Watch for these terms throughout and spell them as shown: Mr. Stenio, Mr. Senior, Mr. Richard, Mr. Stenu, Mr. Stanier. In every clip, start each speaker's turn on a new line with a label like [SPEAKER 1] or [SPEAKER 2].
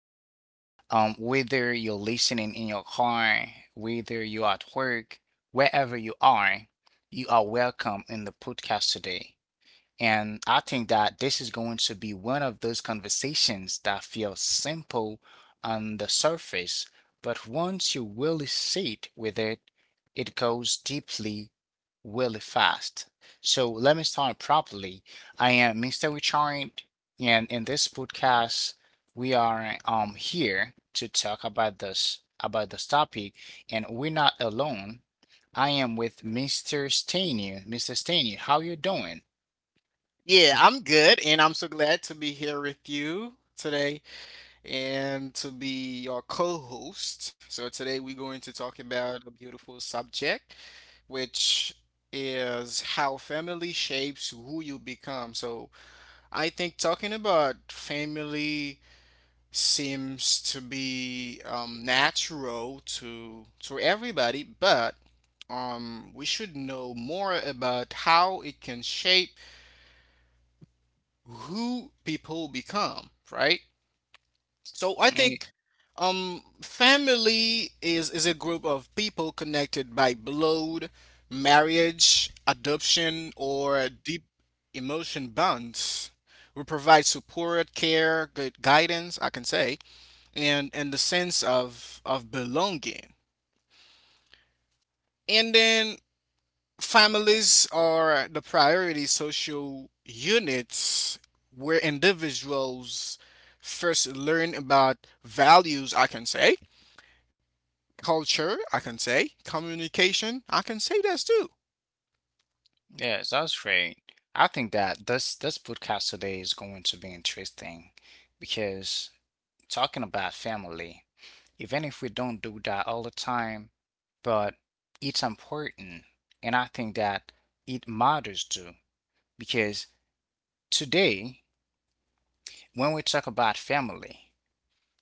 [SPEAKER 1] today. Whether you're listening in your car, whether you're at work, wherever you are welcome in the podcast today. And I think that this is going to be one of those conversations that feel simple on the surface, but once you really sit with it, it goes deeply really fast. So let me start properly. I am Mr. Richard, and in this podcast, we are here to talk about this topic, and we're not alone. I am with Mr. Stanier. Mr. Stanier, how you doing?
[SPEAKER 2] Yeah, I'm good, and I'm so glad to be here with you today and to be your co-host. So today we're going to talk about a beautiful subject, which is how family shapes who you become. So I think talking about family seems to be natural to everybody, but we should know more about how it can shape who people become, right? So I think family is a group of people connected by blood, marriage, adoption, or deep emotion bonds. We provide support, care, good guidance, I can say, and the sense of belonging. And then families are the priority social units where individuals first learn about values, I can say, culture, I can say, communication, I can say that too.
[SPEAKER 1] Yes, that's great. I think that this podcast today is going to be interesting because talking about family, even if we don't do that all the time, but it's important. And I think that it matters too because today when we talk about family,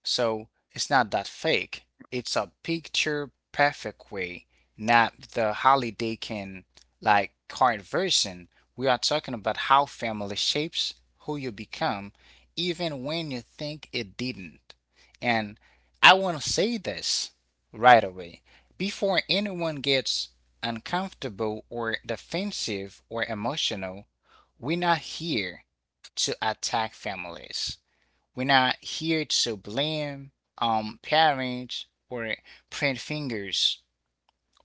[SPEAKER 1] so it's not that fake. It's a picture perfect way, not the holiday can like card version. We are talking about how family shapes who you become, even when you think it didn't. And I want to say this right away before anyone gets uncomfortable or defensive or emotional, we're not here to attack families. We're not here to blame parents or print fingers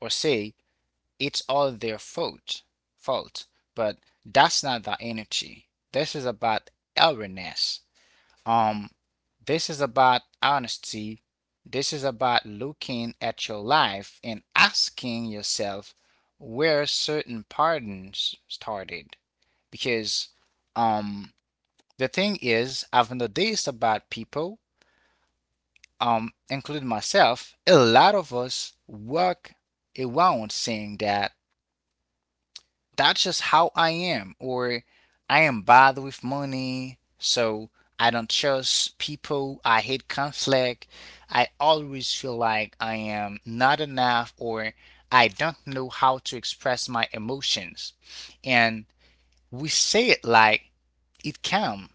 [SPEAKER 1] or say it's all their fault. Fault, but that's not the energy. This is about awareness. Um, this is about honesty. This is about looking at your life and asking yourself where certain patterns started. Because um, the thing is, I've noticed about people including myself, a lot of us walk around saying that that's just how I am, or I am bad with money, so I don't trust people, I hate conflict, I always feel like I am not enough, or I don't know how to express my emotions. And we say it like it came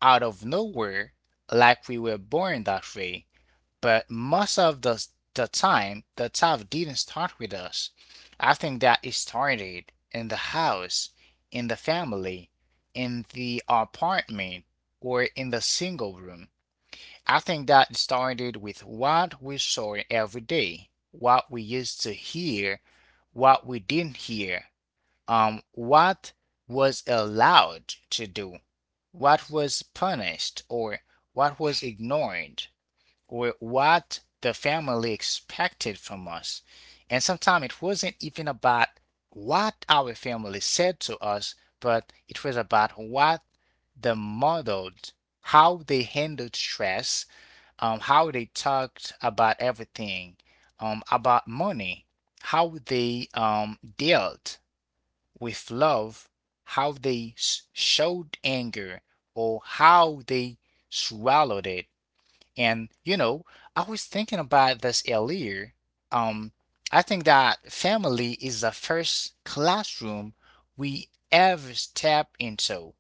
[SPEAKER 1] out of nowhere, like we were born that way but most of the time the talk didn't start with us. I think that it started in the house, in the family, in the apartment, or in the single room. I think that it started with what we saw every day, what we used to hear, what we didn't hear, what was allowed to do, what was punished, or what was ignored. Or what the family expected from us. And sometimes it wasn't even about what our family said to us, but it was about what the model, how they handled stress, how they talked about everything, about money, how they dealt with love, how they showed anger, or how they swallowed it. And you know, I was thinking about this earlier. Um, I think that family is the first classroom we ever step into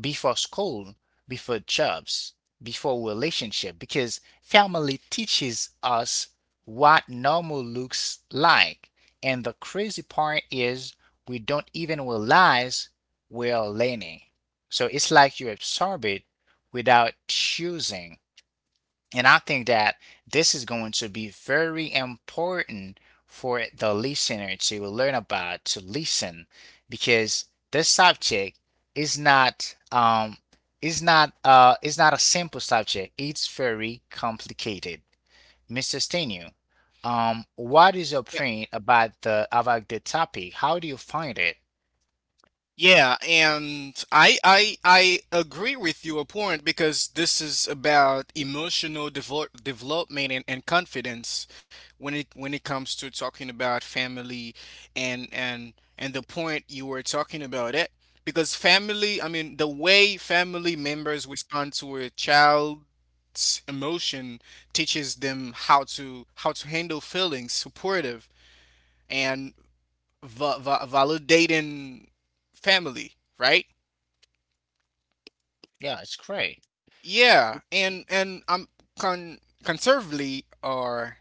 [SPEAKER 1] before school, before jobs, before relationship, because family teaches us what normal looks like. And the crazy part is we don't even realize we're learning. So it's like you absorb it without choosing. And I think that this is going to be very important for the listener to learn about, to listen, because this subject is not um is not a simple subject. It's very complicated. Mr. Stenu, what is your opinion about the topic? How do you find it?
[SPEAKER 2] Yeah, and I agree with your point because this is about emotional development and, confidence when it comes to talking about family and the point you were talking about it because family, I mean, the way family members respond to a child's emotion teaches them how to handle feelings supportive and validating family, right?
[SPEAKER 1] Yeah, it's great.
[SPEAKER 2] Yeah, and I'm conservatively or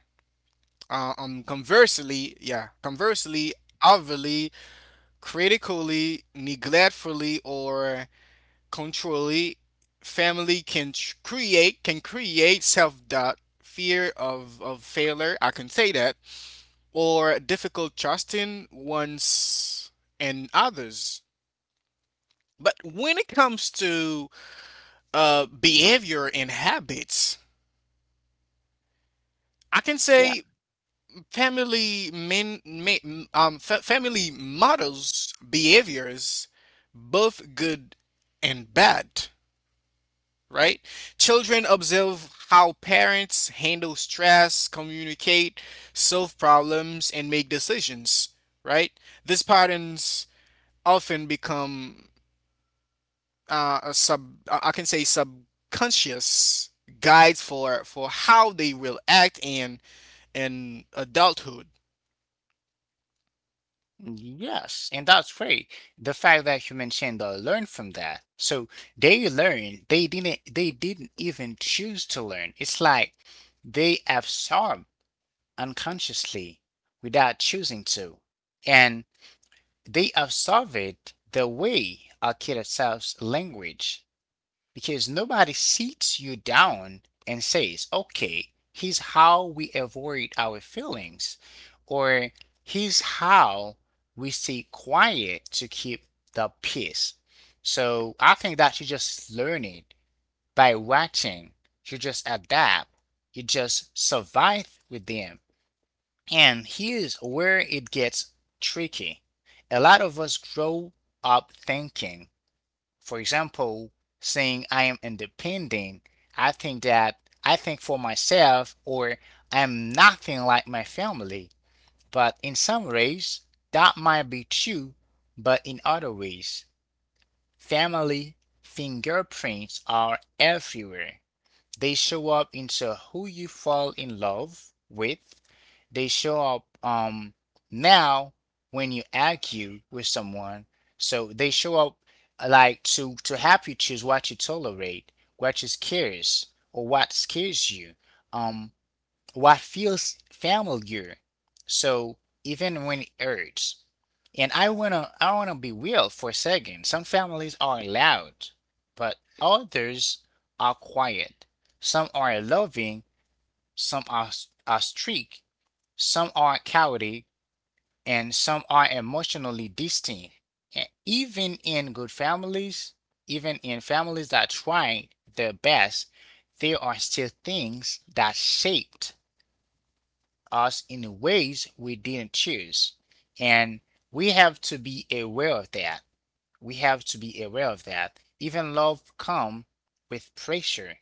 [SPEAKER 2] conversely, conversely, overly, critically, neglectfully, or controlly, family can create self doubt, fear of failure. I can say that, or difficult trusting one's and others. But when it comes to behavior and habits. I can
[SPEAKER 1] Yeah.
[SPEAKER 2] say family men, men fa- family models behaviors, both good and bad. Right? Children observe how parents handle stress, communicate, solve problems, and make decisions. Right? These patterns often become a sub. I can say subconscious guides for how they will act and adulthood.
[SPEAKER 1] Yes, and that's great. The fact that you mentioned they learned from that. So they learned, they didn't even choose to learn. It's like they absorb unconsciously without choosing to. And they have surveyed the way our kids solves language because nobody sits you down and says, okay, here's how we avoid our feelings, or here's how we stay quiet to keep the peace. So I think that you just learn it by watching, you just adapt, you just survive with them. And here's where it gets tricky. A lot of us grow up thinking, for example, saying I am independent. I think that I think for myself or I'm nothing like my family. But in some ways, that might be true, but in other ways, family fingerprints are everywhere. They show up into who you fall in love with. They show up now when you argue with someone. So they show up like to help you choose what you tolerate, what is curious, or what scares you. Um, what feels familiar. So even when it hurts. And I wanna be real for a second. Some families are loud, but others are quiet. Some are loving, some are strict, some are cowardly, and some are emotionally distant. And even in good families, even in families that try their best, there are still things that shaped us in ways we didn't choose. And we have to be aware of that. We have to be aware of that. Even love comes with pressure.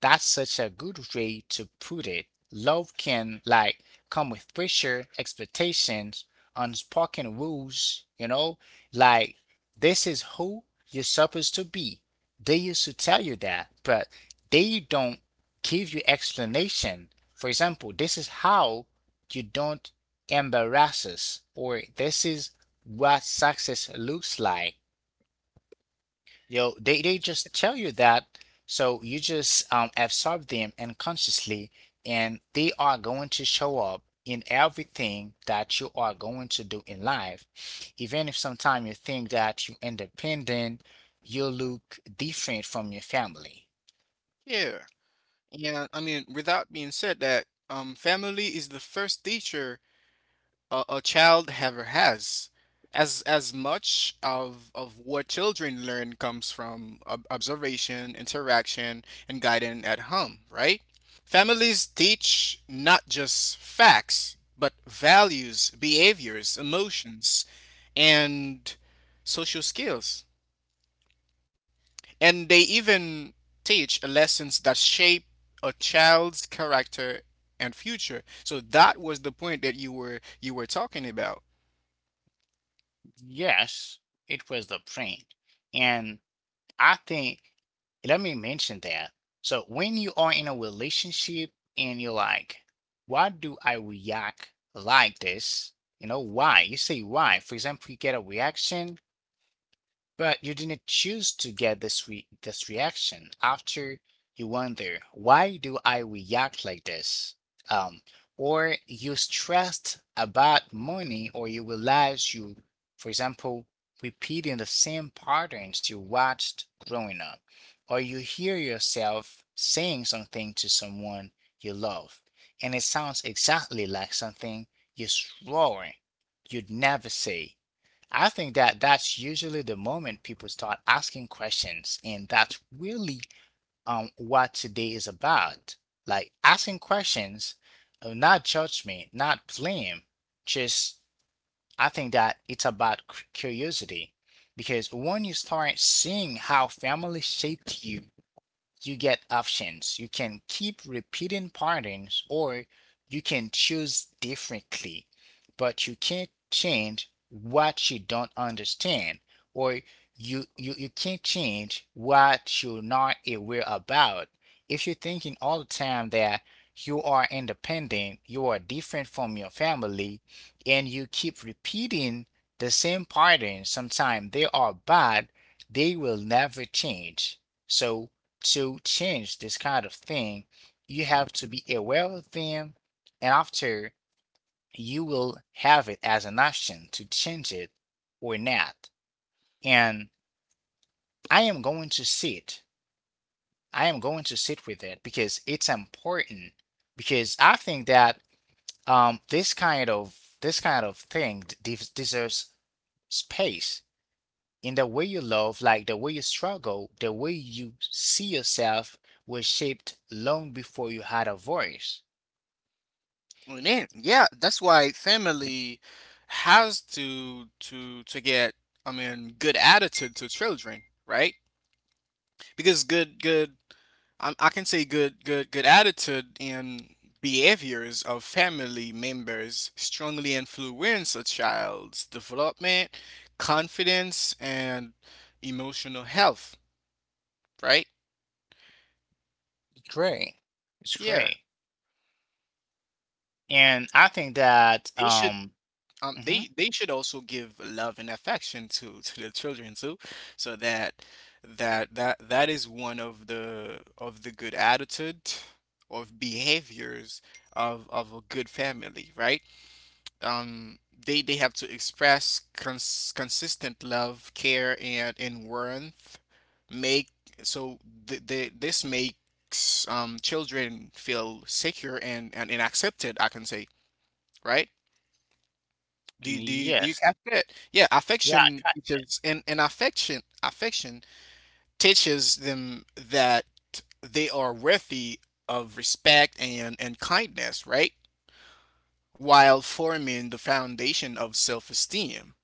[SPEAKER 1] That's such a good way to put it. Love can like come with pressure, expectations, unspoken rules, you know? Like this is who you're supposed to be. They used to tell you that, but they don't give you explanation. For example, this is how you don't embarrass us, or this is what success looks like. Yo, they just tell you that, so you just absorb them unconsciously, and they are going to show up in everything that you are going to do in life. Even if sometimes you think that you're independent, you look different from your family.
[SPEAKER 2] Yeah. And I mean, without being said that, family is the first teacher a child ever has. As much of what children learn comes from observation, interaction, and guidance at home, right? Families teach not just facts, but values, behaviors, emotions, and social skills. And they even teach lessons that shape a child's character and future. So that was the point that you were talking about.
[SPEAKER 1] Yes, it was the print. I think let me mention that. So when you are in a relationship and you're like, why do I react like this? You know, why? You say why. For example, you get a reaction but you didn't choose to get this reaction. After you wonder, why do I react like this? Um, or you stressed about money, or you realize you, for example, repeating the same patterns you watched growing up, or you hear yourself saying something to someone you love, and it sounds exactly like something you swore you'd never say. I think that that's usually the moment people start asking questions, and that's really what today is about. Like asking questions, not judgment, not blame. Just I think that it's about curiosity, because when you start seeing how family shaped you you get options. You can keep repeating patterns or you can choose differently, but you can't change what you don't understand or you can't change what you're not aware about. If you're thinking all the time that you are independent, you are different from your family, and you keep repeating the same patterns, sometimes they are bad, they will never change. So to change this kind of thing, you have to be aware of them, and after you will have it as an option to change it or not. And I am going to sit. I am going to sit with it because it's important. Because I think that this kind of thing deserves space in the way you love, like the way you struggle, the way you see yourself was shaped long before you had a voice.
[SPEAKER 2] Well, Yeah, that's why family has to to get, I mean, good attitude to children, right? Because good good I can say good attitude and behaviors of family members strongly influence a child's development, confidence, and emotional health, right?
[SPEAKER 1] It's great. It's
[SPEAKER 2] Yeah.
[SPEAKER 1] great. And I think that,
[SPEAKER 2] They should Um,
[SPEAKER 1] mhm,
[SPEAKER 2] they they should also give love and affection to the children too, so that that is one of the good attitude of behaviors of a good family, right? Um, they have to express consistent love, care, and warmth. Make so th th this makes children feel secure and accepted, I can say, right? Do you
[SPEAKER 1] yes,
[SPEAKER 2] catch it? Yeah,
[SPEAKER 1] yeah, I
[SPEAKER 2] affection
[SPEAKER 1] ca-
[SPEAKER 2] teaches and, affection teaches them that they are worthy of respect and kindness, right? While forming the foundation of self-esteem.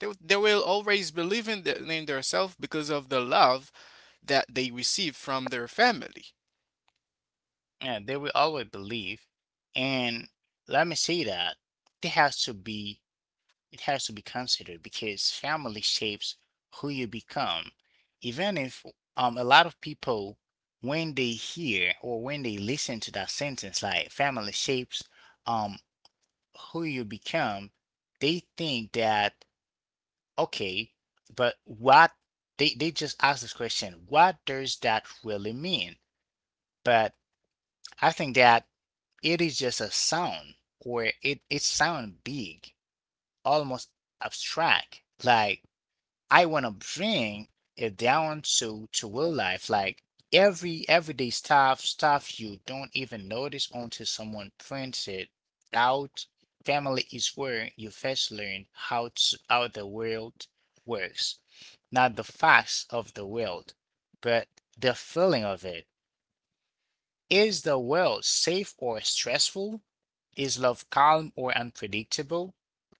[SPEAKER 2] They will always believe in, the, in their self because of the love that they receive from their family.
[SPEAKER 1] yeah, they will always believe. And let me say that it has to be, it has to be considered because family shapes who you become. Even if a lot of people, when they hear or when they listen to that sentence, like family shapes um, who you become, they think that okay, but what they just ask this question, what does that really mean? But I think that it is just a sound or it sound big, almost abstract. Like I wanna bring it down to real life, like everyday stuff, stuff you don't even notice until someone prints it out. Family is where you first learn how the world works, not the facts of the world, but the feeling of it. Is the world safe or stressful? Is love calm or unpredictable?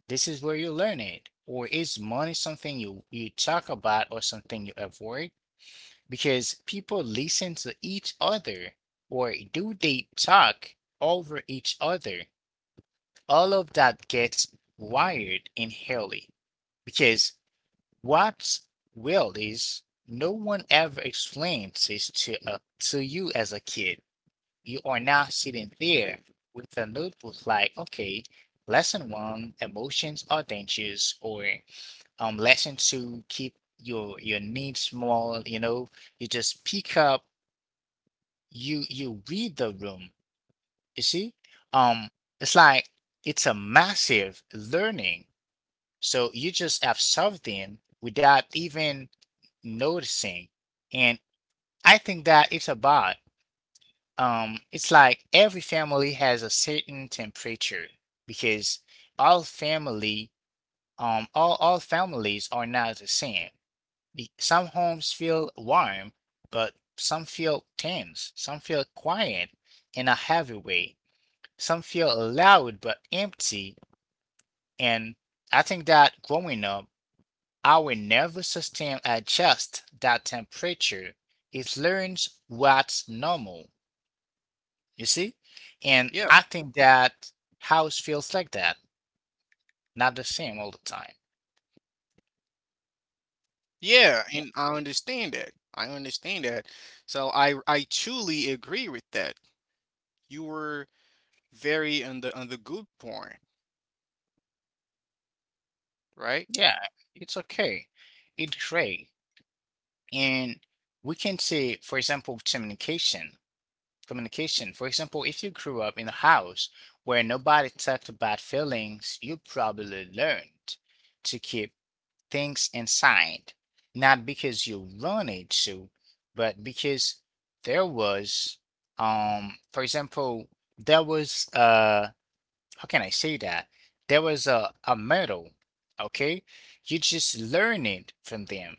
[SPEAKER 1] This is where you learn it. Or is money something you talk about or something you avoid? Because people listen to each other, or do they talk over each other? All of that gets wired in Haley. Because what's weird is no one ever explains this to you as a kid. You are not sitting there with a notebook like, okay, lesson one, emotions are dangerous, or lesson to keep your needs small, you know, you just pick up, you read the room, you see, um it's like it's a massive learning, so you just have something without even noticing. And I think that it's about, it's like every family has a certain temperature because all family all families are not the same. Some homes feel warm, but some feel tense. Some feel quiet in a heavy way. Some feel loud but empty. And I think that growing up, our nervous system adjusts that temperature. It learns what's normal. You see? And
[SPEAKER 2] Yeah.
[SPEAKER 1] I think that house feels like that, not the same all the time.
[SPEAKER 2] Yeah, and I understand that. So I truly agree with that. You were very on the good point, right?
[SPEAKER 1] Yeah, it's okay. It's great. And we can say, for example, communication. Communication. For example, if you grew up in a house where nobody talked about feelings, you probably learned to keep things inside, not because you wanted to, but because there was, for example, there was how can I say that? There was a medal. Okay, you just learn it from them,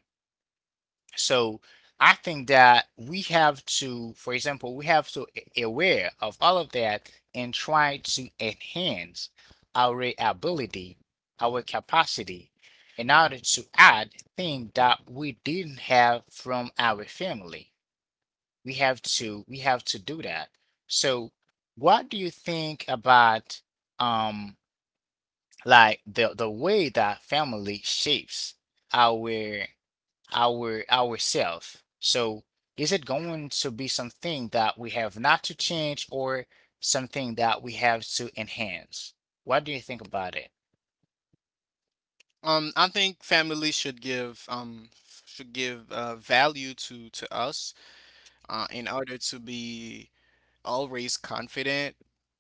[SPEAKER 1] so I think that we have to, for example, we have to aware of all of that and try to enhance our ability, our capacity, in order to add things that we didn't have from our family. We have to do that. So what do you think about um like the way that family shapes our ourself? So is it going to be something that we have not to change or something that we have to enhance? What do you think about it?
[SPEAKER 2] I think family should give value to us in order to be always confident.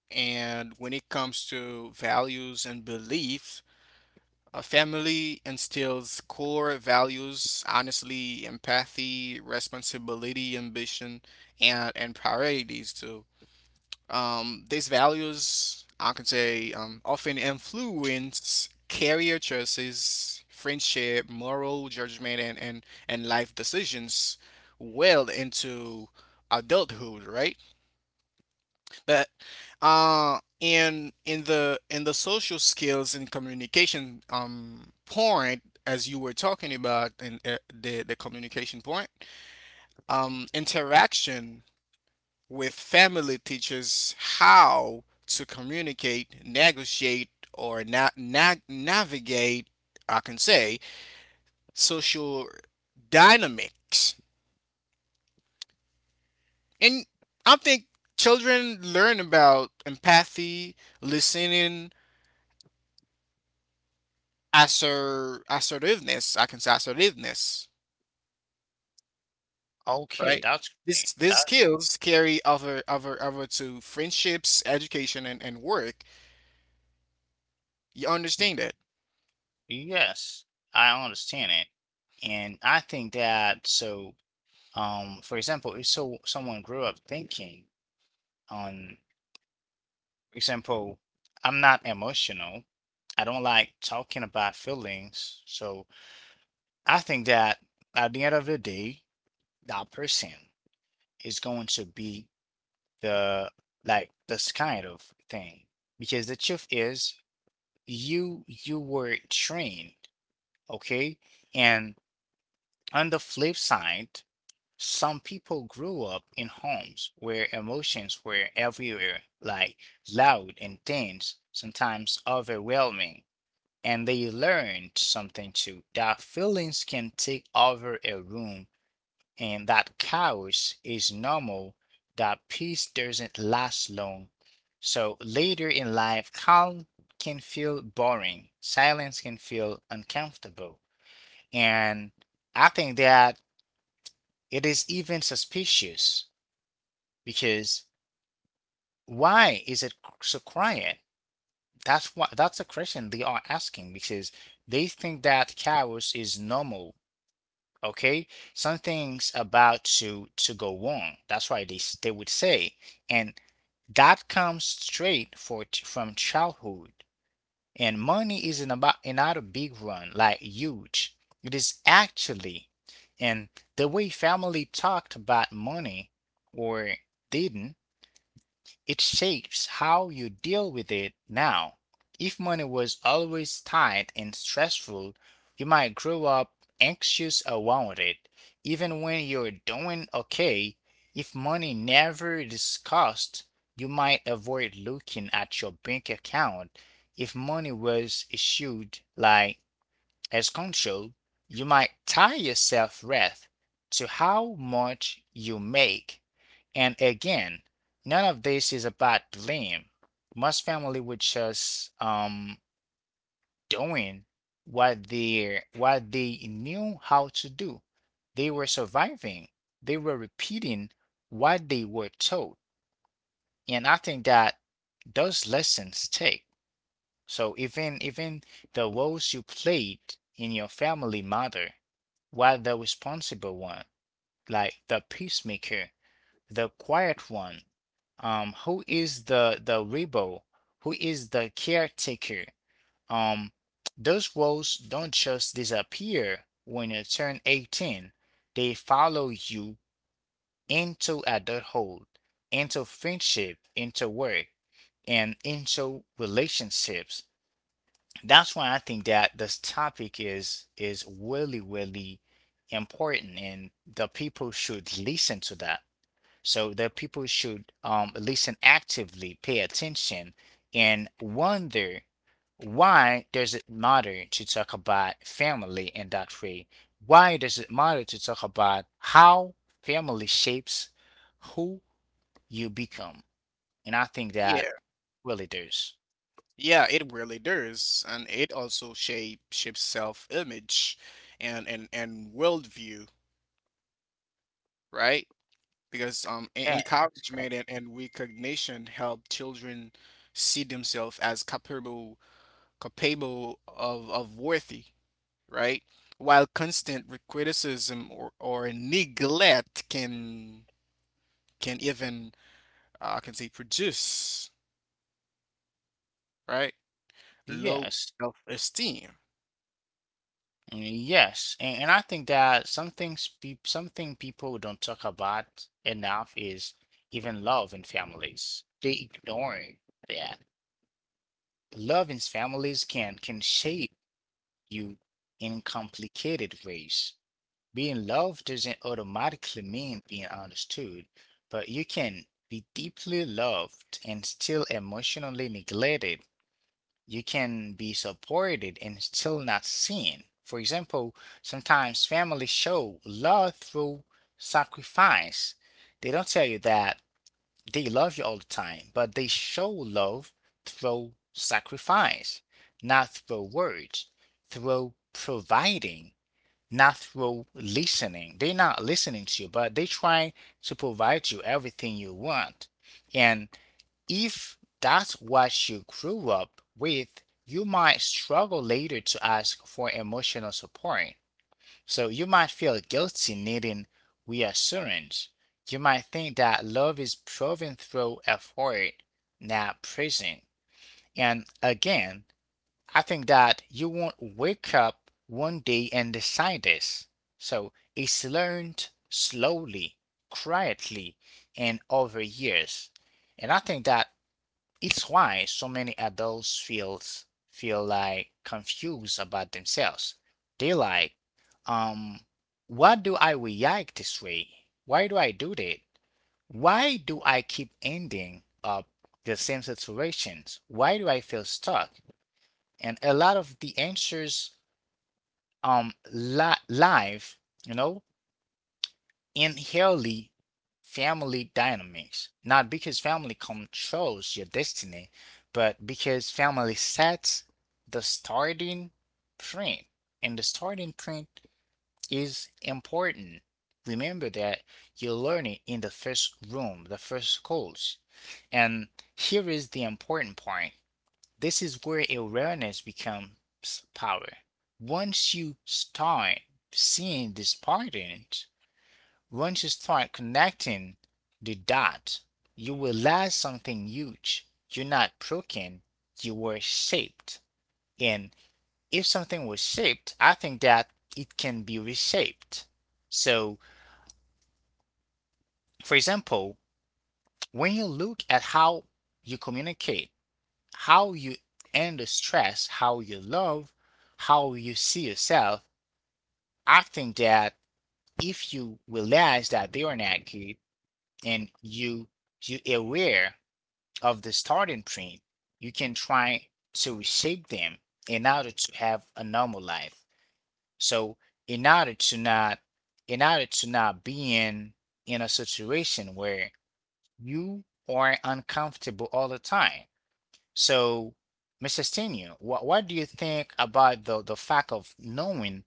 [SPEAKER 2] And when it comes to values and beliefs, a family instills core values: honestly, empathy, responsibility, ambition, and priorities too. These values, I can say, often influence career choices, friendship, moral judgment, and, life decisions well into adulthood, right? But in the social skills and communication point, as you were talking about, in the communication point, interaction with family teachers, how to communicate, negotiate, or navigate, I can say, social dynamics. And I think children learn about empathy, listening, assertiveness, I can say assertiveness,
[SPEAKER 1] Okay,
[SPEAKER 2] right?
[SPEAKER 1] that's great.
[SPEAKER 2] These
[SPEAKER 1] That's
[SPEAKER 2] skills carry over to friendships, education, and, work. You understand that?
[SPEAKER 1] yes, I understand it. And I think that so for example, if so someone grew up thinking on, for example, I'm not emotional. I don't like talking about feelings. So I think that at the end of the day, that person is going to be the like this kind of thing, because the truth is you were trained, okay. And on the flip side, some people grew up in homes where emotions were everywhere, like loud, intense, sometimes overwhelming, and they learned something too: that feelings can take over a room and that chaos is normal, that peace doesn't last long. So later in life, calm can feel boring, silence can feel uncomfortable. And I think that it is even suspicious, because why is it so quiet? That's what, that's a question they are asking, because they think that chaos is normal, okay, something's about to go wrong, that's why they they would say. And that comes straight from childhood. And money isn't about another big run like huge, it is actually. And the way family talked about money, or didn't, it shapes how you deal with it now. If money was always tight and stressful, you might grow up anxious around it, even when you're doing okay. If money never discussed, you might avoid looking at your bank account. If money was issued like as Cone showed, you might tie yourself wreath to how much you make. And again, none of this is about blame. Most family were just doing what they knew how to do. They were surviving. They were repeating what they were taught. And I think that those lessons take. So even the roles you played in your family matter. While the responsible one, like the peacemaker, the quiet one, who is the rebel, who is the caretaker, um, those roles don't just disappear when you turn 18. They follow you into adulthood, into friendship, into work, and into relationships. That's why I think that this topic is really really important and the people should listen to that. So the people should listen actively, pay attention, and wonder, why does it matter to talk about family in that way? Why does it matter to talk about how family shapes who you become? And I think that
[SPEAKER 2] Yeah.
[SPEAKER 1] really does.
[SPEAKER 2] Yeah, it really does, and it also shapes self-image and and worldview, right? Because
[SPEAKER 1] Yeah, it's great.
[SPEAKER 2] encouragement and recognition help children see themselves as capable of worthy, right? While constant criticism or neglect can even I can say produce, right? Low
[SPEAKER 1] Yes.
[SPEAKER 2] self-esteem.
[SPEAKER 1] I mean, yes, and I think that something something people don't talk about enough is even love in families. They ignore that love in families can shape you in complicated ways. Being loved doesn't automatically mean being understood, but you can be deeply loved and still emotionally neglected, you can be supported and still not seen. For example, sometimes families show love through sacrifice. They don't tell you that they love you all the time, but they show love through sacrifice, not through words, through providing, not through listening. They're not listening to you, but they try to provide you everything you want. And if that's what you grew up with, you might struggle later to ask for emotional support. So you might feel guilty needing reassurance. You might think that love is proven through effort, not present. And again, I think that you won't wake up one day and decide this. So it's learned slowly, quietly, and over years. And I think that it's why so many adults feel like confused about themselves. They like, um, what do I react this way? Why do I do that? Why do I keep ending up the same situations? Why do I feel stuck? And a lot of the answers live, you know, inherently family dynamics, not because family controls your destiny, but because family sets the starting print. And the starting print is important. Remember that you're learning in the first room, the first course. And here is the important point, this is where awareness becomes power. Once you start seeing these patterns, once you start connecting the dots, you will realize something huge. You're not broken, you were shaped. And if something was shaped, I think that it can be reshaped. So, for example, when you look at how you communicate, how you handle stress, how you love, how you see yourself, I think that if you realize that they are not good and you aware of the starting print, you can try to reshape them in order to have a normal life. So in order to not in order to not be in a situation where you are uncomfortable all the time. So Mr. Senior, what do you think about the fact of knowing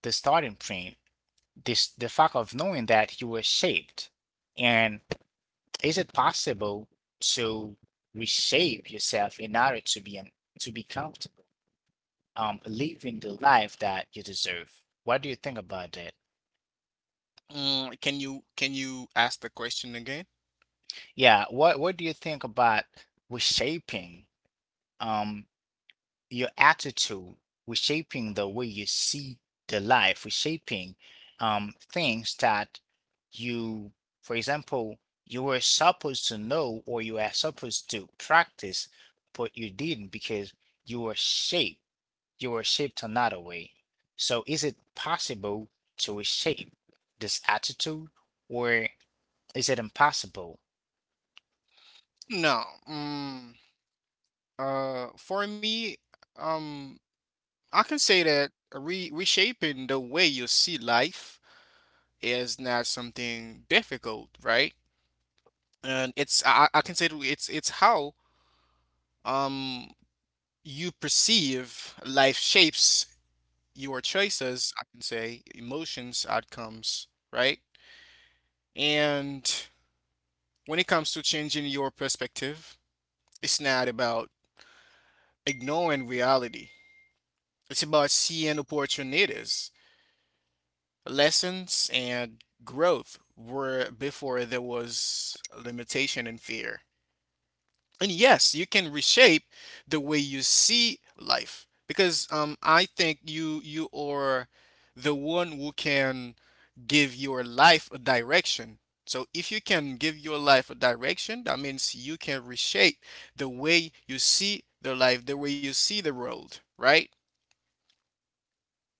[SPEAKER 1] the starting print, this the fact of knowing that you were shaped, and is it possible to reshape yourself in order to be an, to be comfortable, living the life that you deserve? What do you think about that?
[SPEAKER 2] Mm, can you ask the question again?
[SPEAKER 1] Yeah, what do you think about reshaping um your attitude, reshaping the way you see the life, reshaping things that you, for example, you were supposed to know or you are supposed to practice, but you didn't because you were shaped you were shaped another way. So is it possible to reshape this attitude, or is it impossible?
[SPEAKER 2] No, mm, for me, um, I can say that re reshaping the way you see life is not something difficult, right? And it's I can say that it's how um you perceive life shapes your choices, I can say, emotions, outcomes, right? And when it comes to changing your perspective, it's not about ignoring reality. It's about seeing opportunities, lessons and growth were before there was limitation and fear. And yes, you can reshape the way you see life because I think you are the one who can give your life a direction. So if you can give your life a direction, that means you can reshape the way you see the life, the way you see the world, right?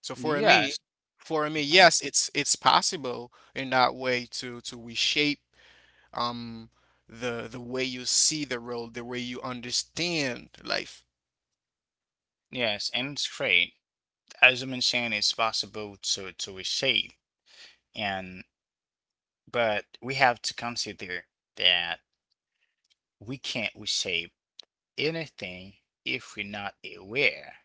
[SPEAKER 2] So for me,
[SPEAKER 1] Yes.
[SPEAKER 2] for me,
[SPEAKER 1] Mhm.
[SPEAKER 2] yes, it's possible in that way to reshape um the way you see the world, the way you understand life.
[SPEAKER 1] Yes, and it's great. As you mentioned, it's possible to reshape, and but we have to consider that we can't reshape anything if we're not aware.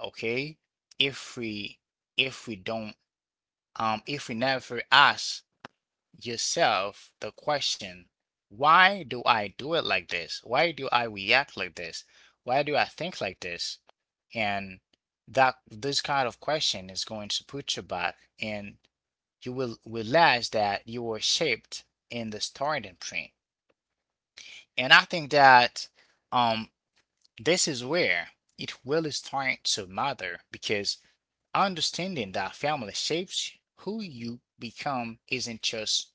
[SPEAKER 1] Okay? If we don't if we never ask yourself the question, why do I do it like this? Why do I react like this? Why do I think like this? And that this kind of question is going to put you back, and you will realize that you were shaped in the starting point. And I think that um, this is where it really starts to matter because understanding that family shapes who you become isn't just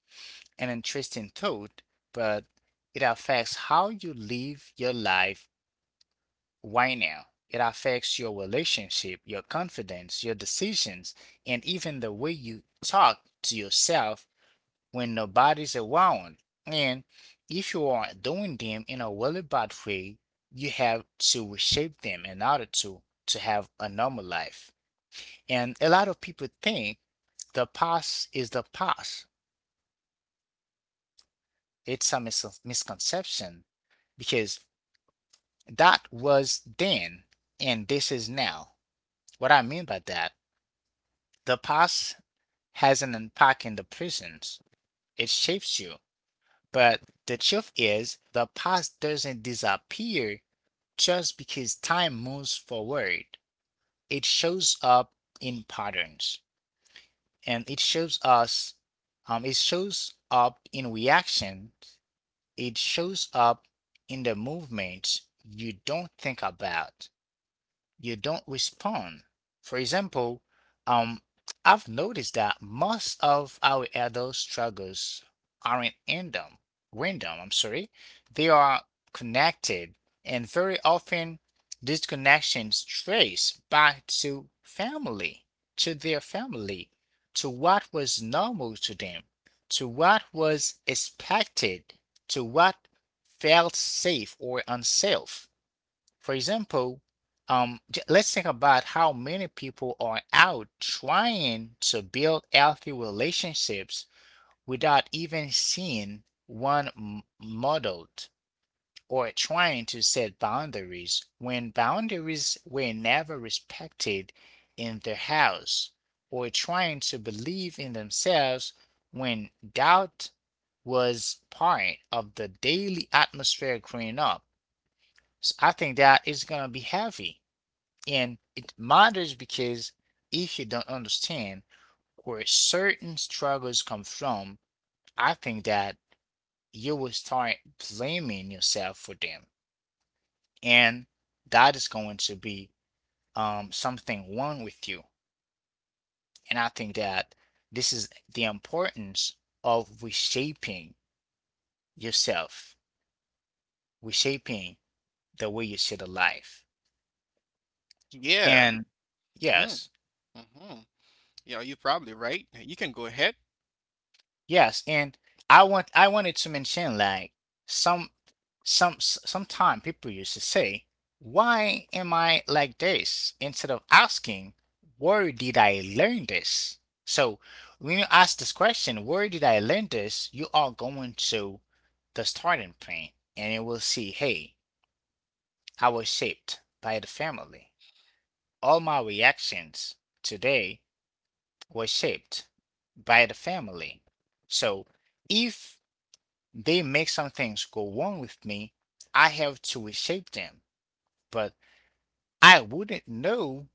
[SPEAKER 1] an interesting thought, but it affects how you live your life right now. It affects your relationship, your confidence, your decisions, and even the way you talk to yourself when nobody's around. And if you are doing them in a really bad way, you have to reshape them in order to have a normal life. And a lot of people think the past is the past. It's a misconception because that was then and this is now. What I mean by that, the past has an impact in the present. It shapes you. But the truth is, the past doesn't disappear just because time moves forward. It shows up in patterns, and it shows us, it shows up in reaction, it shows up in the movements you don't think about. You don't respond. For example, um, I've noticed that most of our adult struggles aren't random. Random, I'm sorry. They are connected, and very often these connections trace back to family, to their family, to what was normal to them, to what was expected, to what felt safe or unsafe. For example, let's think about how many people are out trying to build healthy relationships without even seeing one modeled, or trying to set boundaries when boundaries were never respected in their house, or trying to believe in themselves when doubt was part of the daily atmosphere growing up. So I think that is going to be heavy. And it matters because if you don't understand where certain struggles come from, I think that you will start blaming yourself for them. And that is going to be something wrong with you. And I think that this is the importance of reshaping yourself, reshaping the way you see the life.
[SPEAKER 2] Yeah.
[SPEAKER 1] And
[SPEAKER 2] hmm
[SPEAKER 1] yes,
[SPEAKER 2] hmm Yeah, you're probably right. You can go ahead.
[SPEAKER 1] Yes, and I wanted to mention like some sometime people used to say, "Why am I like this?" instead of asking, "Where did I learn this?" So when you ask this question, "Where did I learn this?" you are going to the starting point, and you will see, "Hey, I was shaped by the family. All my reactions today were shaped by the family." So if they make some things go wrong with me. I have to reshape them, but I wouldn't know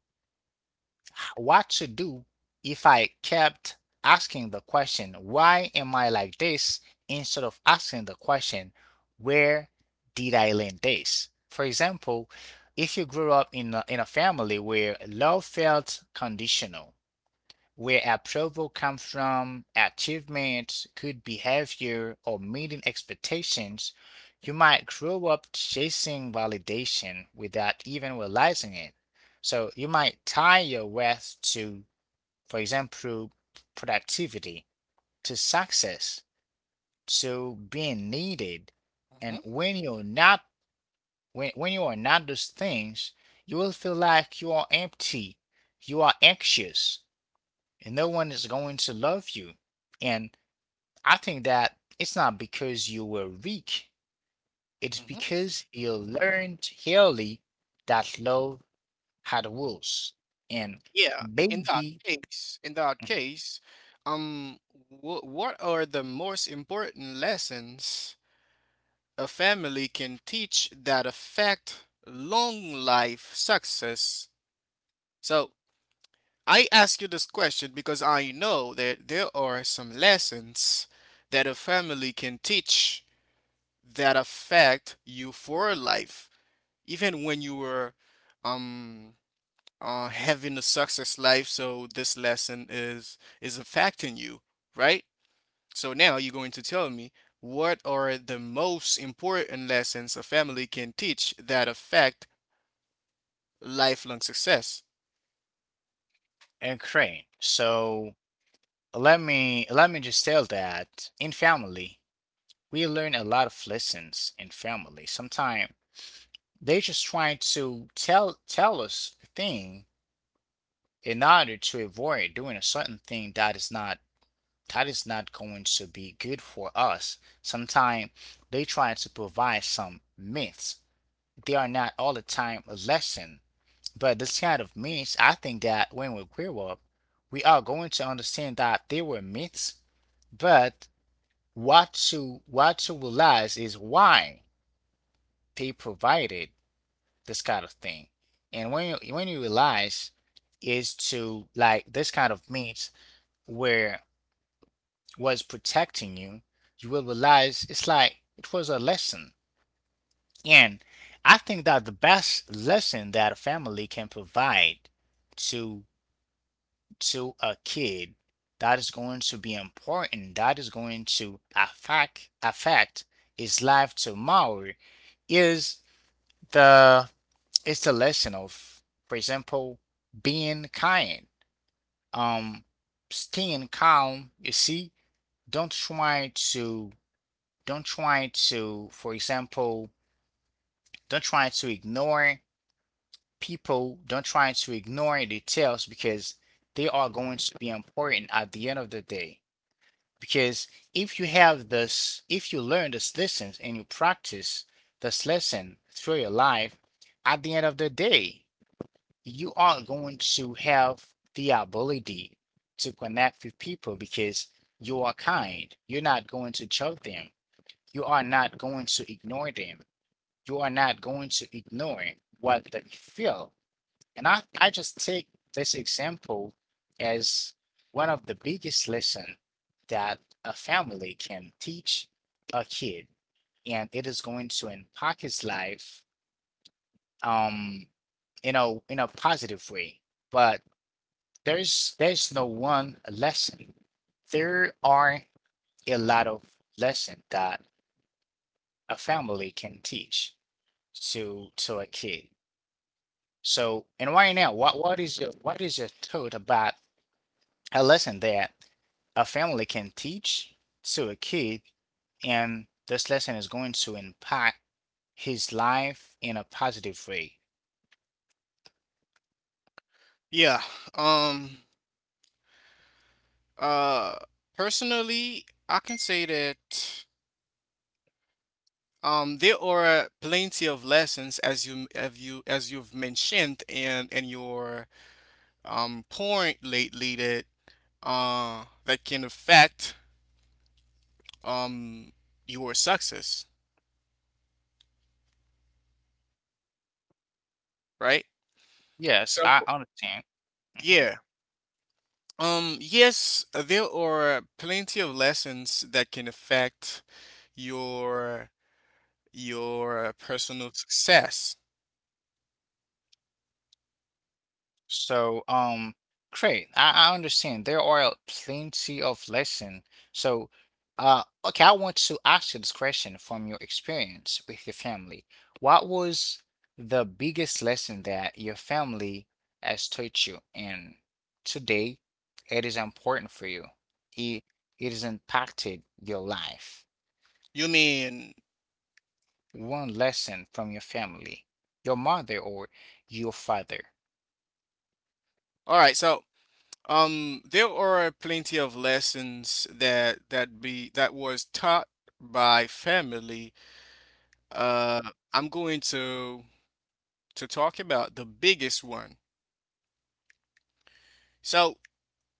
[SPEAKER 1] what to do if I kept asking the question, why am I like this, instead of asking the question, where did I learn this? For example, if you grew up in a family where love felt conditional, where approval comes from achievements, good behavior, or meeting expectations, you might grow up chasing validation without even realizing it. So you might tie your worth to, for example, productivity, to success, to being needed. And
[SPEAKER 2] hmm
[SPEAKER 1] when you're not, when you are not those things, you will feel like you are empty, you are anxious, and no one is going to love you. And I think that it's not because you were weak, it's
[SPEAKER 2] hmm
[SPEAKER 1] because you learned early that love had rules and
[SPEAKER 2] Yeah.
[SPEAKER 1] baby
[SPEAKER 2] In that case, um, wh what are the most important lessons a family can teach that affect long life success? So, I ask you this question because I know that there are some lessons that a family can teach that affect you for life, even when you were um having a success life. So this lesson is affecting you, right? So now you're going to tell me, what are the most important lessons a family can teach that affect lifelong success?
[SPEAKER 1] and crane. So let me just tell that in family we learn a lot of lessons in family. Sometimes they just trying to tell us a thing in order to avoid doing a certain thing that is not going to be good for us. Sometimes they try to provide some myths. They are not all the time a lesson. But this kind of myths, I think that when we grow up, we are going to understand that they were myths. But what to realize is why they provided this kind of thing. And when you realize is to like this kind of myths where was protecting you, you will realize it's like it was a lesson. And I think that the best lesson that a family can provide to to a kid that is going to be important, that is going to affect his life tomorrow is the it's the lesson of, for example, being kind. Um Staying calm, you see, don't try to Don't try to, for example, don't try to ignore people. Don't try to ignore details because they are going to be important at the end of the day. Because if you have this, if you learn this lesson and you practice this lesson through your life, at the end of the day, you are going to have the ability to connect with people because you are kind. You're not going to choke them. You are not going to ignore them. You are not going to ignore what they feel. And I just take this example as one of the biggest lesson that a family can teach a kid. And it is going to impact his life um, in a positive way. But there's no one lesson. There are a lot of lesson that a family can teach to a kid. So, and right now, what is your what is your thought about a lesson that a family can teach to a kid, and this lesson is going to impact his life in a positive way?
[SPEAKER 2] Yeah. Um. Uh, personally, I can say that there are plenty of lessons as you've mentioned in your point lately that that can affect um your success, right?
[SPEAKER 1] Yes, I
[SPEAKER 2] So
[SPEAKER 1] understand. Mhm.
[SPEAKER 2] yeah. Yes, there are plenty of lessons that can affect your personal success.
[SPEAKER 1] So, great. I understand. There are plenty of lesson. So, okay, I want to ask you this question from your experience with your family. What was the biggest lesson that your family has taught you, and today it is important for you? It it has impacted your life.
[SPEAKER 2] You mean
[SPEAKER 1] One lesson from your family, your mother or your father.
[SPEAKER 2] all right, so there are plenty of lessons that that be that was taught by family. Uh, I'm going to talk about the biggest one. So,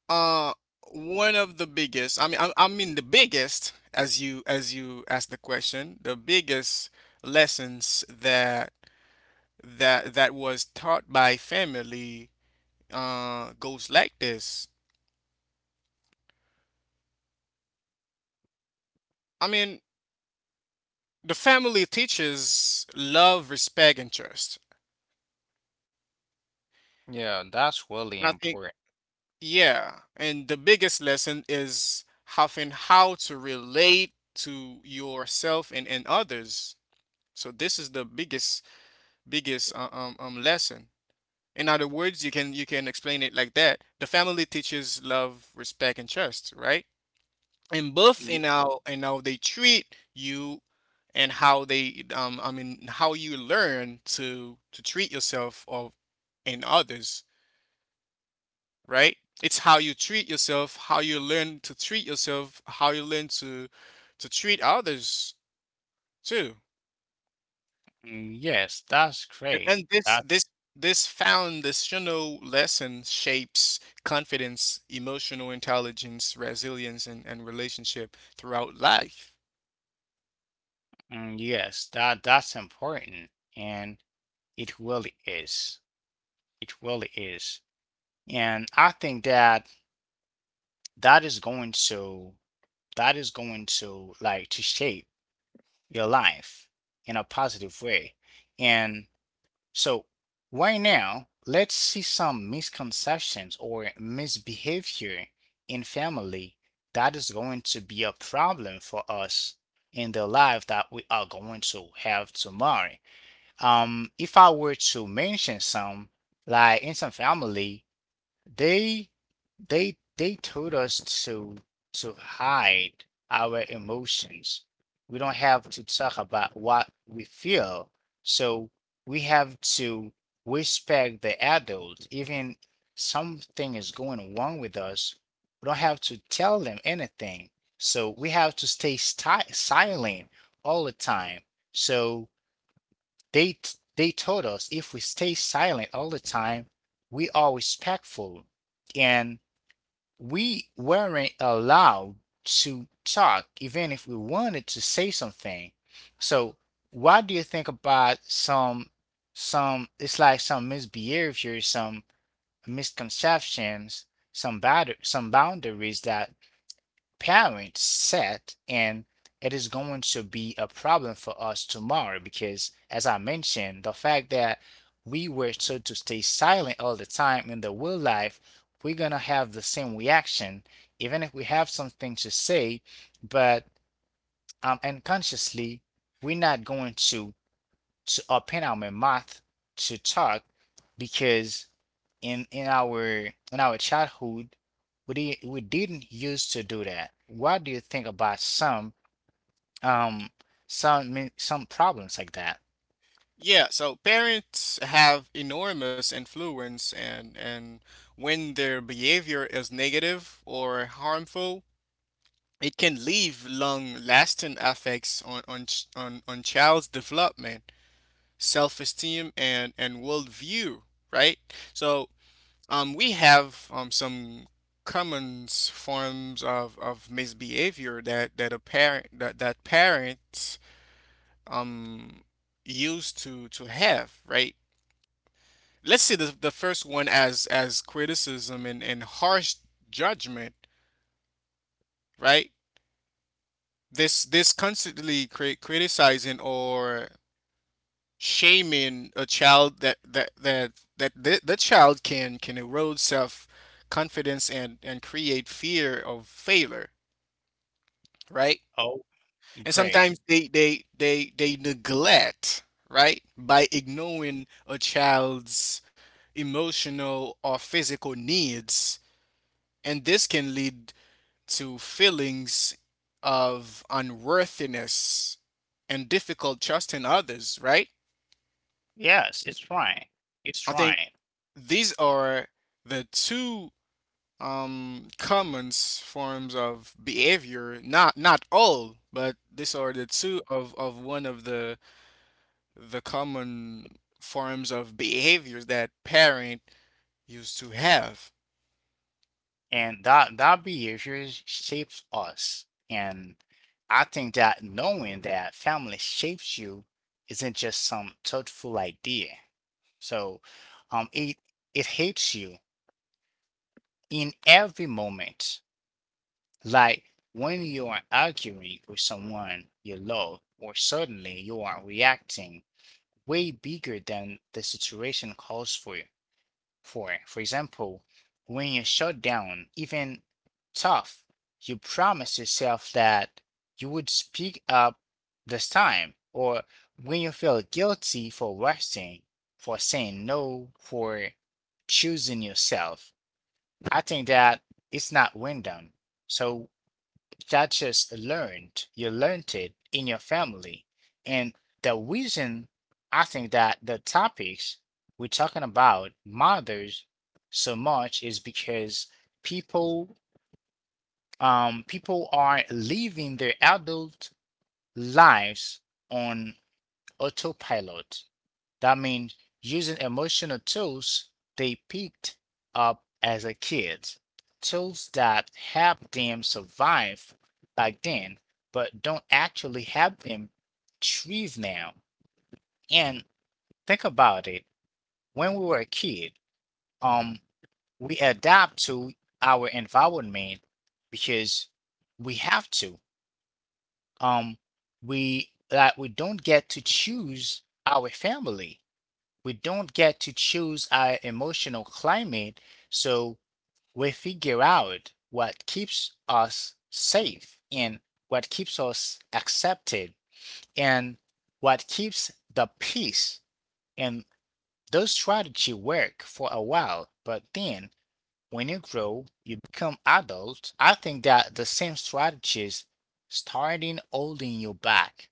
[SPEAKER 2] uh, one of the biggest, I mean, the biggest, as you asked the question, the biggest lessons that was taught by family goes like this. I mean, the family teaches love, respect, and trust.
[SPEAKER 1] Yeah, that's really
[SPEAKER 2] And I think,
[SPEAKER 1] important.
[SPEAKER 2] yeah, and the biggest lesson is having how to relate to yourself and others. So this is the biggest lesson. In other words, you can explain it like that. The family teaches love, respect, and trust, right? And both in how they treat you and how they I mean how you learn to treat yourself of and others. Right? It's how you treat yourself, how you learn to treat yourself, how you learn to treat others too.
[SPEAKER 1] Mm, yes, that's
[SPEAKER 2] And,
[SPEAKER 1] great. That
[SPEAKER 2] this this foundational lesson shapes confidence, emotional intelligence, resilience, and relationship throughout life.
[SPEAKER 1] mm, yes, that that's important, and it really is. It really is. And I think that that is going to that is going to like to shape your life in a positive way. And so, right now, let's see some misconceptions or misbehavior in family that is going to be a problem for us in the life that we are going to have tomorrow. If I were to mention some, like in some family, they they told us to to hide our emotions. We don't have to talk about what we feel. So we have to respect the adult. Even something is going wrong with us, we don't have to tell them anything. So we have to stay sti silent all the time. So they, they told us if we stay silent all the time, we are respectful and we weren't allowed to talk even if we wanted to say something. So what do you think about some it's like some misbehavior, some misconceptions, some bad some boundaries that parents set and it is going to be a problem for us tomorrow because as I mentioned the fact that we were told to stay silent all the time in the real life we're going to have the same reaction even if we have something to say but unconsciously we're not going to open our mouth to talk because in our in our childhood we did we didn't used to do that. What do you think about um some min- some problems like that?
[SPEAKER 2] Yeah, so parents have enormous influence and when their behavior is negative or harmful, it can leave long-lasting effects on, on child's development, self-esteem, and worldview, right? So we have some common forms of misbehavior that, that a parent that, that parents um, used to have, right? Let's see the first one as criticism and harsh judgment, right? This constantly criticizing or shaming a child that the child can erode self confidence and create fear of failure, right?
[SPEAKER 1] Oh,
[SPEAKER 2] And
[SPEAKER 1] great.
[SPEAKER 2] sometimes they neglect, right, by ignoring a child's emotional or physical needs, and this can lead to feelings of unworthiness and difficult trusting others, right?
[SPEAKER 1] Yes, it's right. It's
[SPEAKER 2] I think
[SPEAKER 1] right.
[SPEAKER 2] these are the two common forms of behavior. Not not all, but these are the two of one of the common forms of behaviors that parent used to have.
[SPEAKER 1] And that that behavior shapes us. And I think that knowing that family shapes you isn't just some thoughtful idea. So it it hits you in every moment. Like when you are arguing with someone you love, or suddenly you are reacting way bigger than the situation calls for. For example, when you shut down, even tough, you promise yourself that you would speak up this time, or when you feel guilty for rushing, for saying no, for choosing yourself. I think that it's not win. So that just learned. You learned it in your family. And the reason I think that the topics we're talking about matters so much is because people people are living their adult lives on autopilot. That means using emotional tools they picked up as a kid, tools that help them survive back then, but don't actually help them thrive now. And think about it. When we were a kid, um, we adapt to our environment because we have to. Um, we we don't get to choose our family, we don't get to choose our emotional climate, so we figure out what keeps us safe and what keeps us accepted and what keeps the peace. And those strategies work for a while, but then when you grow, you become adult. I think that the same strategies starting holding you back.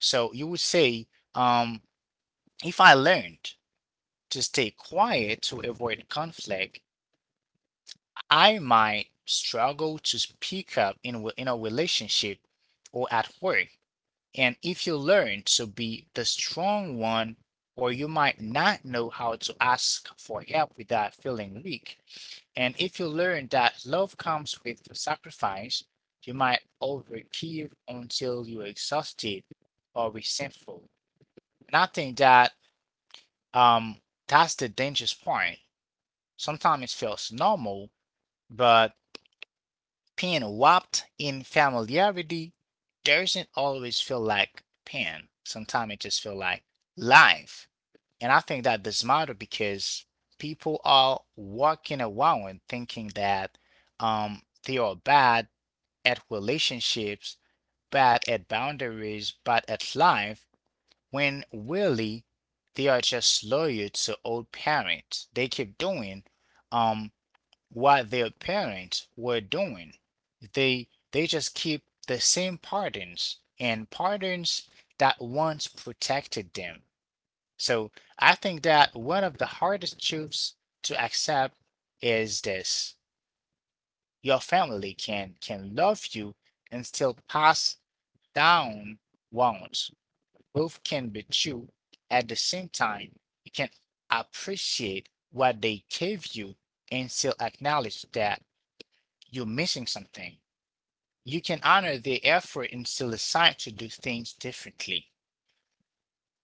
[SPEAKER 1] So you would say, um, if I learned to stay quiet to avoid conflict, I might struggle to speak up in a relationship or at work. And if you learn to be the strong one, or you might not know how to ask for help without feeling weak. And if you learn that love comes with sacrifice, you might overgive until you're exhausted or resentful. And I think that um, that's the dangerous part. Sometimes it feels normal, but pain wrapped in familiarity doesn't always feel like pain. Sometimes it just feels like life. And I think that does matter because people are walking around thinking that they are bad at relationships, bad at boundaries, bad at life, when really they are just loyal to old parents. They keep doing um what their parents were doing. They just keep the same patterns and patterns that once protected them. So I think that one of the hardest truths to accept is this. Your family can love you and still pass down wounds. Both can be true at the same time. You can appreciate what they gave you and still acknowledge that you're missing something. You can honor their effort and still decide to do things differently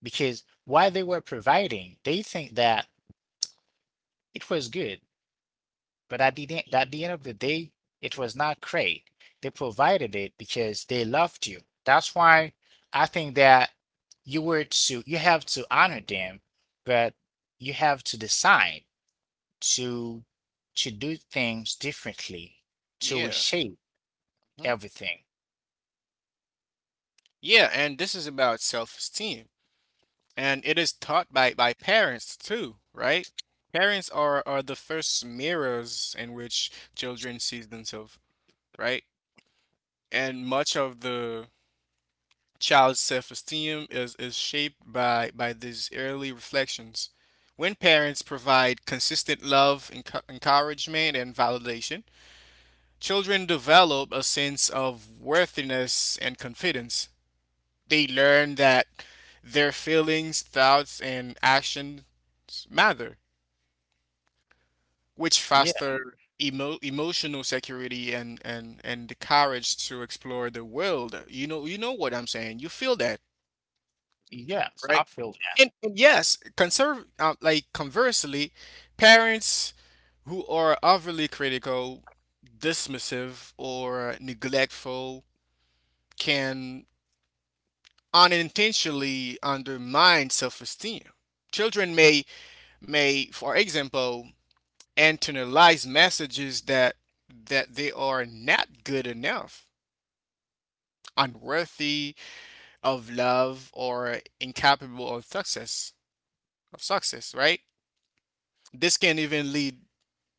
[SPEAKER 1] because while they were providing, they think that it was good, but at the end of the day, it was not great. They provided it because they loved you. That's why I think that you have to honor them, but you have to decide to to do things differently to
[SPEAKER 2] Yeah,
[SPEAKER 1] reshape
[SPEAKER 2] mhm.
[SPEAKER 1] everything.
[SPEAKER 2] Yeah, and this is about self-esteem, and it is taught by parents too, right? Parents are the first mirrors in which children sees themselves, right? And much of the child's self-esteem is shaped by these early reflections. When parents provide consistent love, encouragement, and validation, children develop a sense of worthiness and confidence. They learn that their feelings, thoughts, and actions matter, which
[SPEAKER 1] Yeah,
[SPEAKER 2] foster emotional security and, the courage to explore the world. You know what I'm saying. You feel that.
[SPEAKER 1] yes, I
[SPEAKER 2] Right?
[SPEAKER 1] feel.
[SPEAKER 2] And yes, conserve like conversely, parents who are overly critical, dismissive, or neglectful can unintentionally undermine self-esteem. Children may for example, internalize messages that they are not good enough, unworthy of love, or incapable of success right? This can even lead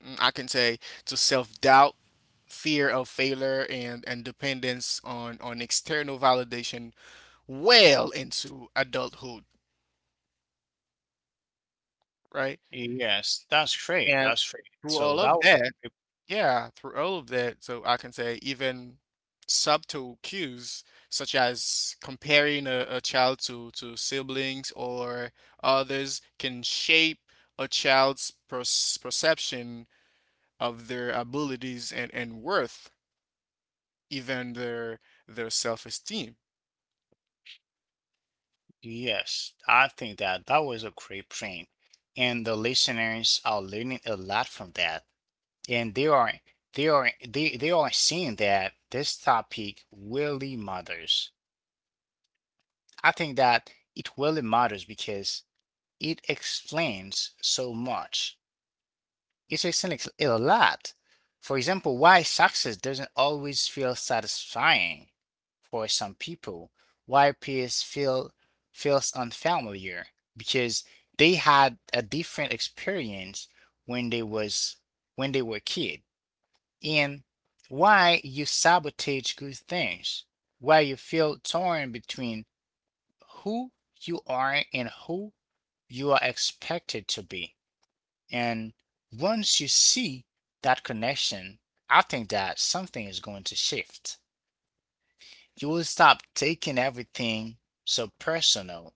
[SPEAKER 2] mm, I can say, to self-doubt, fear of failure, and dependence on external validation well into adulthood, right?
[SPEAKER 1] Yes, that's great.
[SPEAKER 2] And
[SPEAKER 1] That's great.
[SPEAKER 2] through
[SPEAKER 1] So
[SPEAKER 2] all
[SPEAKER 1] that
[SPEAKER 2] of
[SPEAKER 1] was
[SPEAKER 2] that,
[SPEAKER 1] a great-
[SPEAKER 2] yeah, through all of that, so I can say even subtle cues such as comparing a child to siblings or others can shape a child's perception of their abilities and worth, even their self-esteem.
[SPEAKER 1] yes, I think that that was a great print, and the listeners are learning a lot from that, and they are they are seeing that this topic really matters. I think that it really matters because it explains so much. It explains a lot. For example, why success doesn't always feel satisfying for some people, why peace feel feels unfamiliar because they had a different experience when they was when they were a kid, and why you sabotage good things, why you feel torn between who you are and who you are expected to be. And once you see that connection, I think that something is going to shift. You will stop taking everything so personal.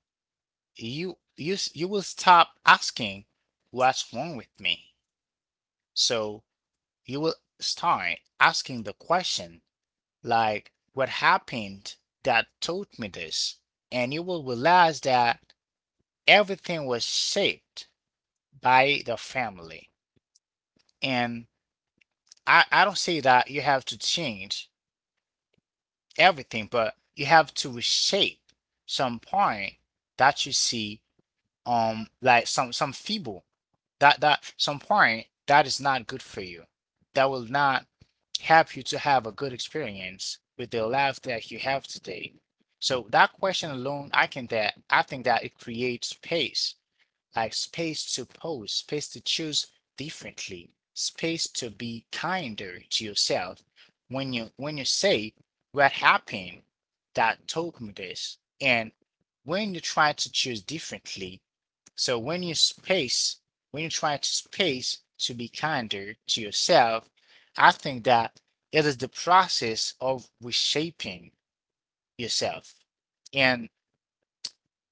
[SPEAKER 1] You will stop asking what's wrong with me. So you will start asking the question like what happened that taught me this? And you will realize that everything was shaped by the family. And I don't say that you have to change everything, but you have to reshape some point that you see like some feeble that some point that is not good for you. That will not help you to have a good experience with the life that you have today. So that question alone, I think that it creates space, like space to pause, space to choose differently, space to be kinder to yourself. When you say what happened that told me this, and when you try to choose differently, so when you space, when you try to space to be kinder to yourself, I think that it is the process of reshaping yourself. And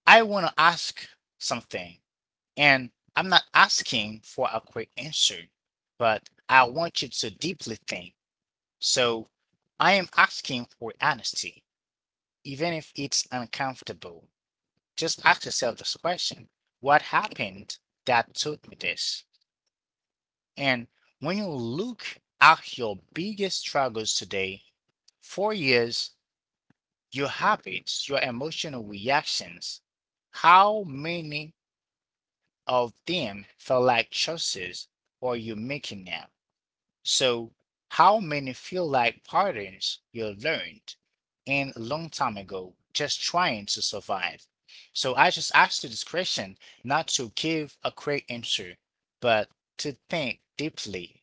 [SPEAKER 1] I want to ask something. And I'm not asking for a quick answer, but I want you to deeply think. So I am asking for honesty, even if it's uncomfortable. Just ask yourself this question. What happened that taught me this? And when you look at your biggest struggles today, 4 years, your habits, your emotional reactions, how many of them felt like choices or you making them. So how many feel like patterns you learned in a long time ago, just trying to survive? So I just asked you this question not to give a quick answer, but to think deeply,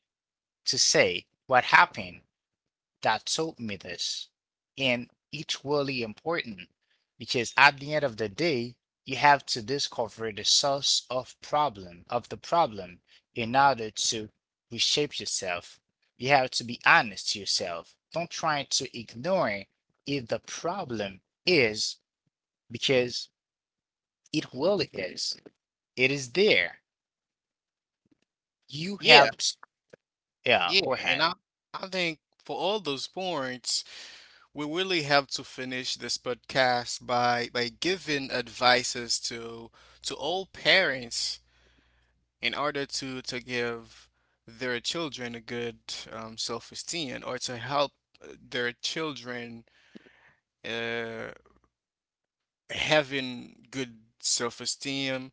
[SPEAKER 1] to say what happened that told me this. And it's really important because at the end of the day, you have to discover the source of problem of the problem in order to reshape yourself. You have to be honest to yourself. Don't try to ignore if the problem is, because it really is. It is there. You
[SPEAKER 2] Yeah,
[SPEAKER 1] have to, yeah,
[SPEAKER 2] yeah,
[SPEAKER 1] go
[SPEAKER 2] and
[SPEAKER 1] ahead.
[SPEAKER 2] I think for all those points, we really have to finish this podcast by giving advices to all parents in order to give their children a good self-esteem or to help their children uh, having good self-esteem,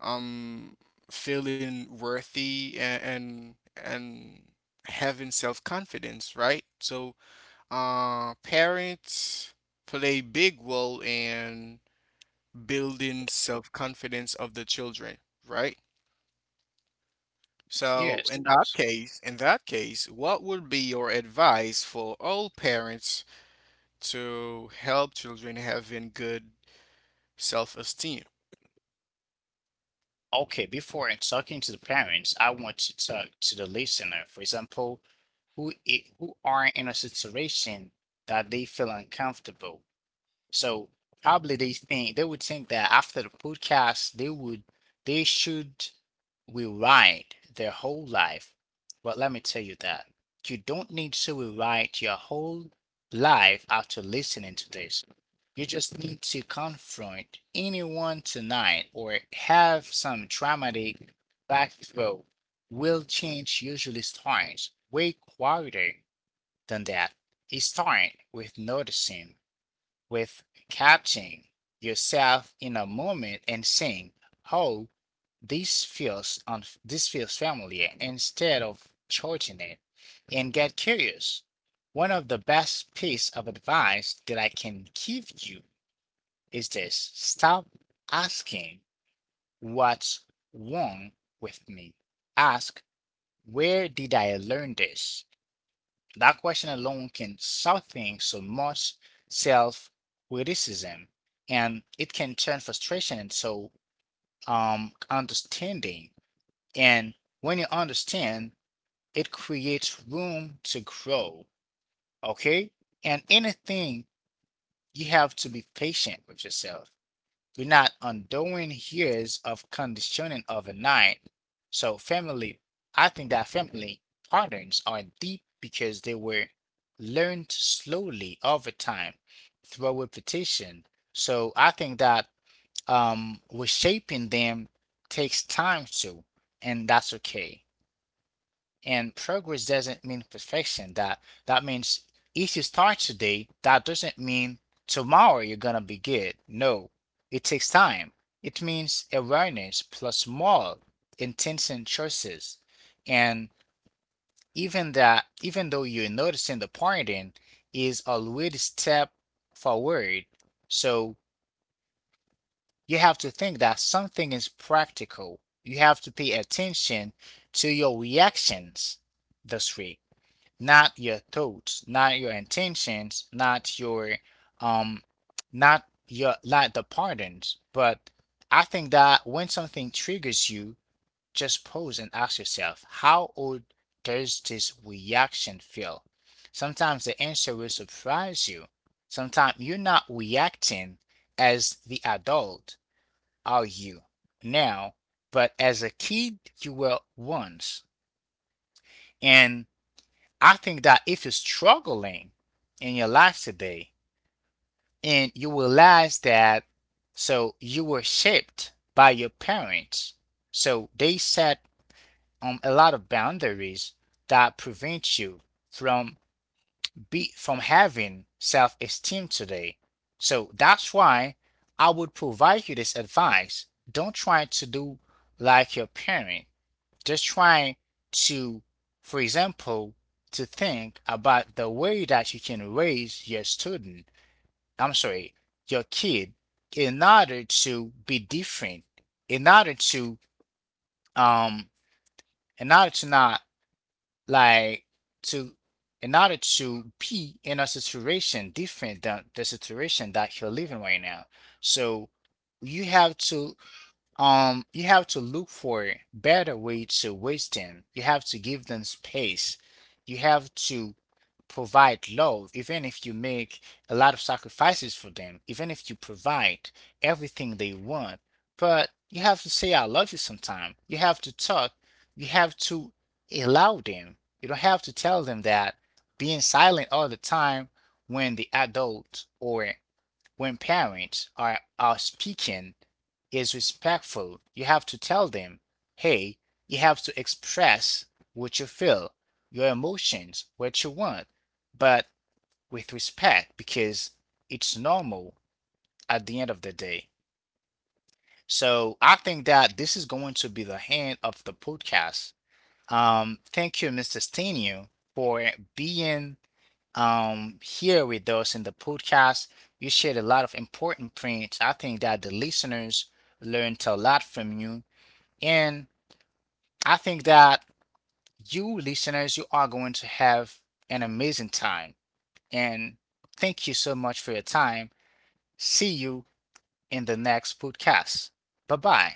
[SPEAKER 2] um feeling worthy and and having self-confidence, right? So, parents play big role in building self-confidence of the children, right? So,
[SPEAKER 1] Yes. that's
[SPEAKER 2] in that case, what would be your advice for all parents to help children having good self-esteem?
[SPEAKER 1] Okay, before in talking to the parents, I want to talk to the listener. For example, who are in a situation that they feel uncomfortable. So probably they think, they would think that after the podcast they would, they should rewrite their whole life. But let me tell you that you don't need to rewrite your whole life after listening to this. You just need to confront anyone tonight or have some traumatic backflow. Will change usually starts way quieter than that. It starts with noticing, with catching yourself in a moment and saying, "Oh, this feels familiar," instead of judging it, and get curious. One of the best piece of advice that I can give you is this: stop asking, "What's wrong with me?" Ask, "Where did I learn this?" That question alone can soften so much self criticism, and it can turn frustration into understanding. And when you understand, it creates room to grow. Okay? And anything, you have to be patient with yourself. We're not undoing years of conditioning overnight. So family, I think that family patterns are deep because they were learned slowly over time through repetition. So I think that reshaping them takes time too, and that's okay. And progress doesn't mean perfection. That means if you start today, that doesn't mean tomorrow you're gonna be good. No, it takes time. It means awareness plus small, intention choices. And even that, even though you're noticing the pattern is already step forward. So you have to think that something is practical. You have to pay attention to your reactions this week, not your thoughts, not your intentions, not your um not your not the pardons. But I think that when something triggers you, just pause and ask yourself, how old does this reaction feel? Sometimes the answer will surprise you. Sometimes you're not reacting as the adult, are you now? But as a kid, you were once. And I think that if you're struggling in your life today and you realize that so you were shaped by your parents, so they set a lot of boundaries that prevent you from be from having self-esteem today. So that's why I would provide you this advice. Don't try to do like your parents. Just trying to, for example, to think about the way that you can raise your student, I'm sorry, your kid in order to be different, in order to, um, in order to not like to, in order to be in a situation different than the situation that you're living right now. So you have to you have to look for a better way to waste them. You have to give them space, you have to provide love even if you make a lot of sacrifices for them, even if you provide everything they want, but you have to say I love you sometime. You have to talk, you have to allow them. You don't have to tell them that being silent all the time when the adult or when parents are speaking is respectful. You have to tell them, hey, you have to express what you feel, your emotions, what you want, but with respect, because it's normal at the end of the day. So I think that this is going to be the end of the podcast. Thank you, Mr. Stenio, for being here with us in the podcast. You shared a lot of important points. I think that the listeners learned a lot from you. And I think that you listeners, you are going to have an amazing time. And thank you so much for your time. See you in the next podcast. Bye bye.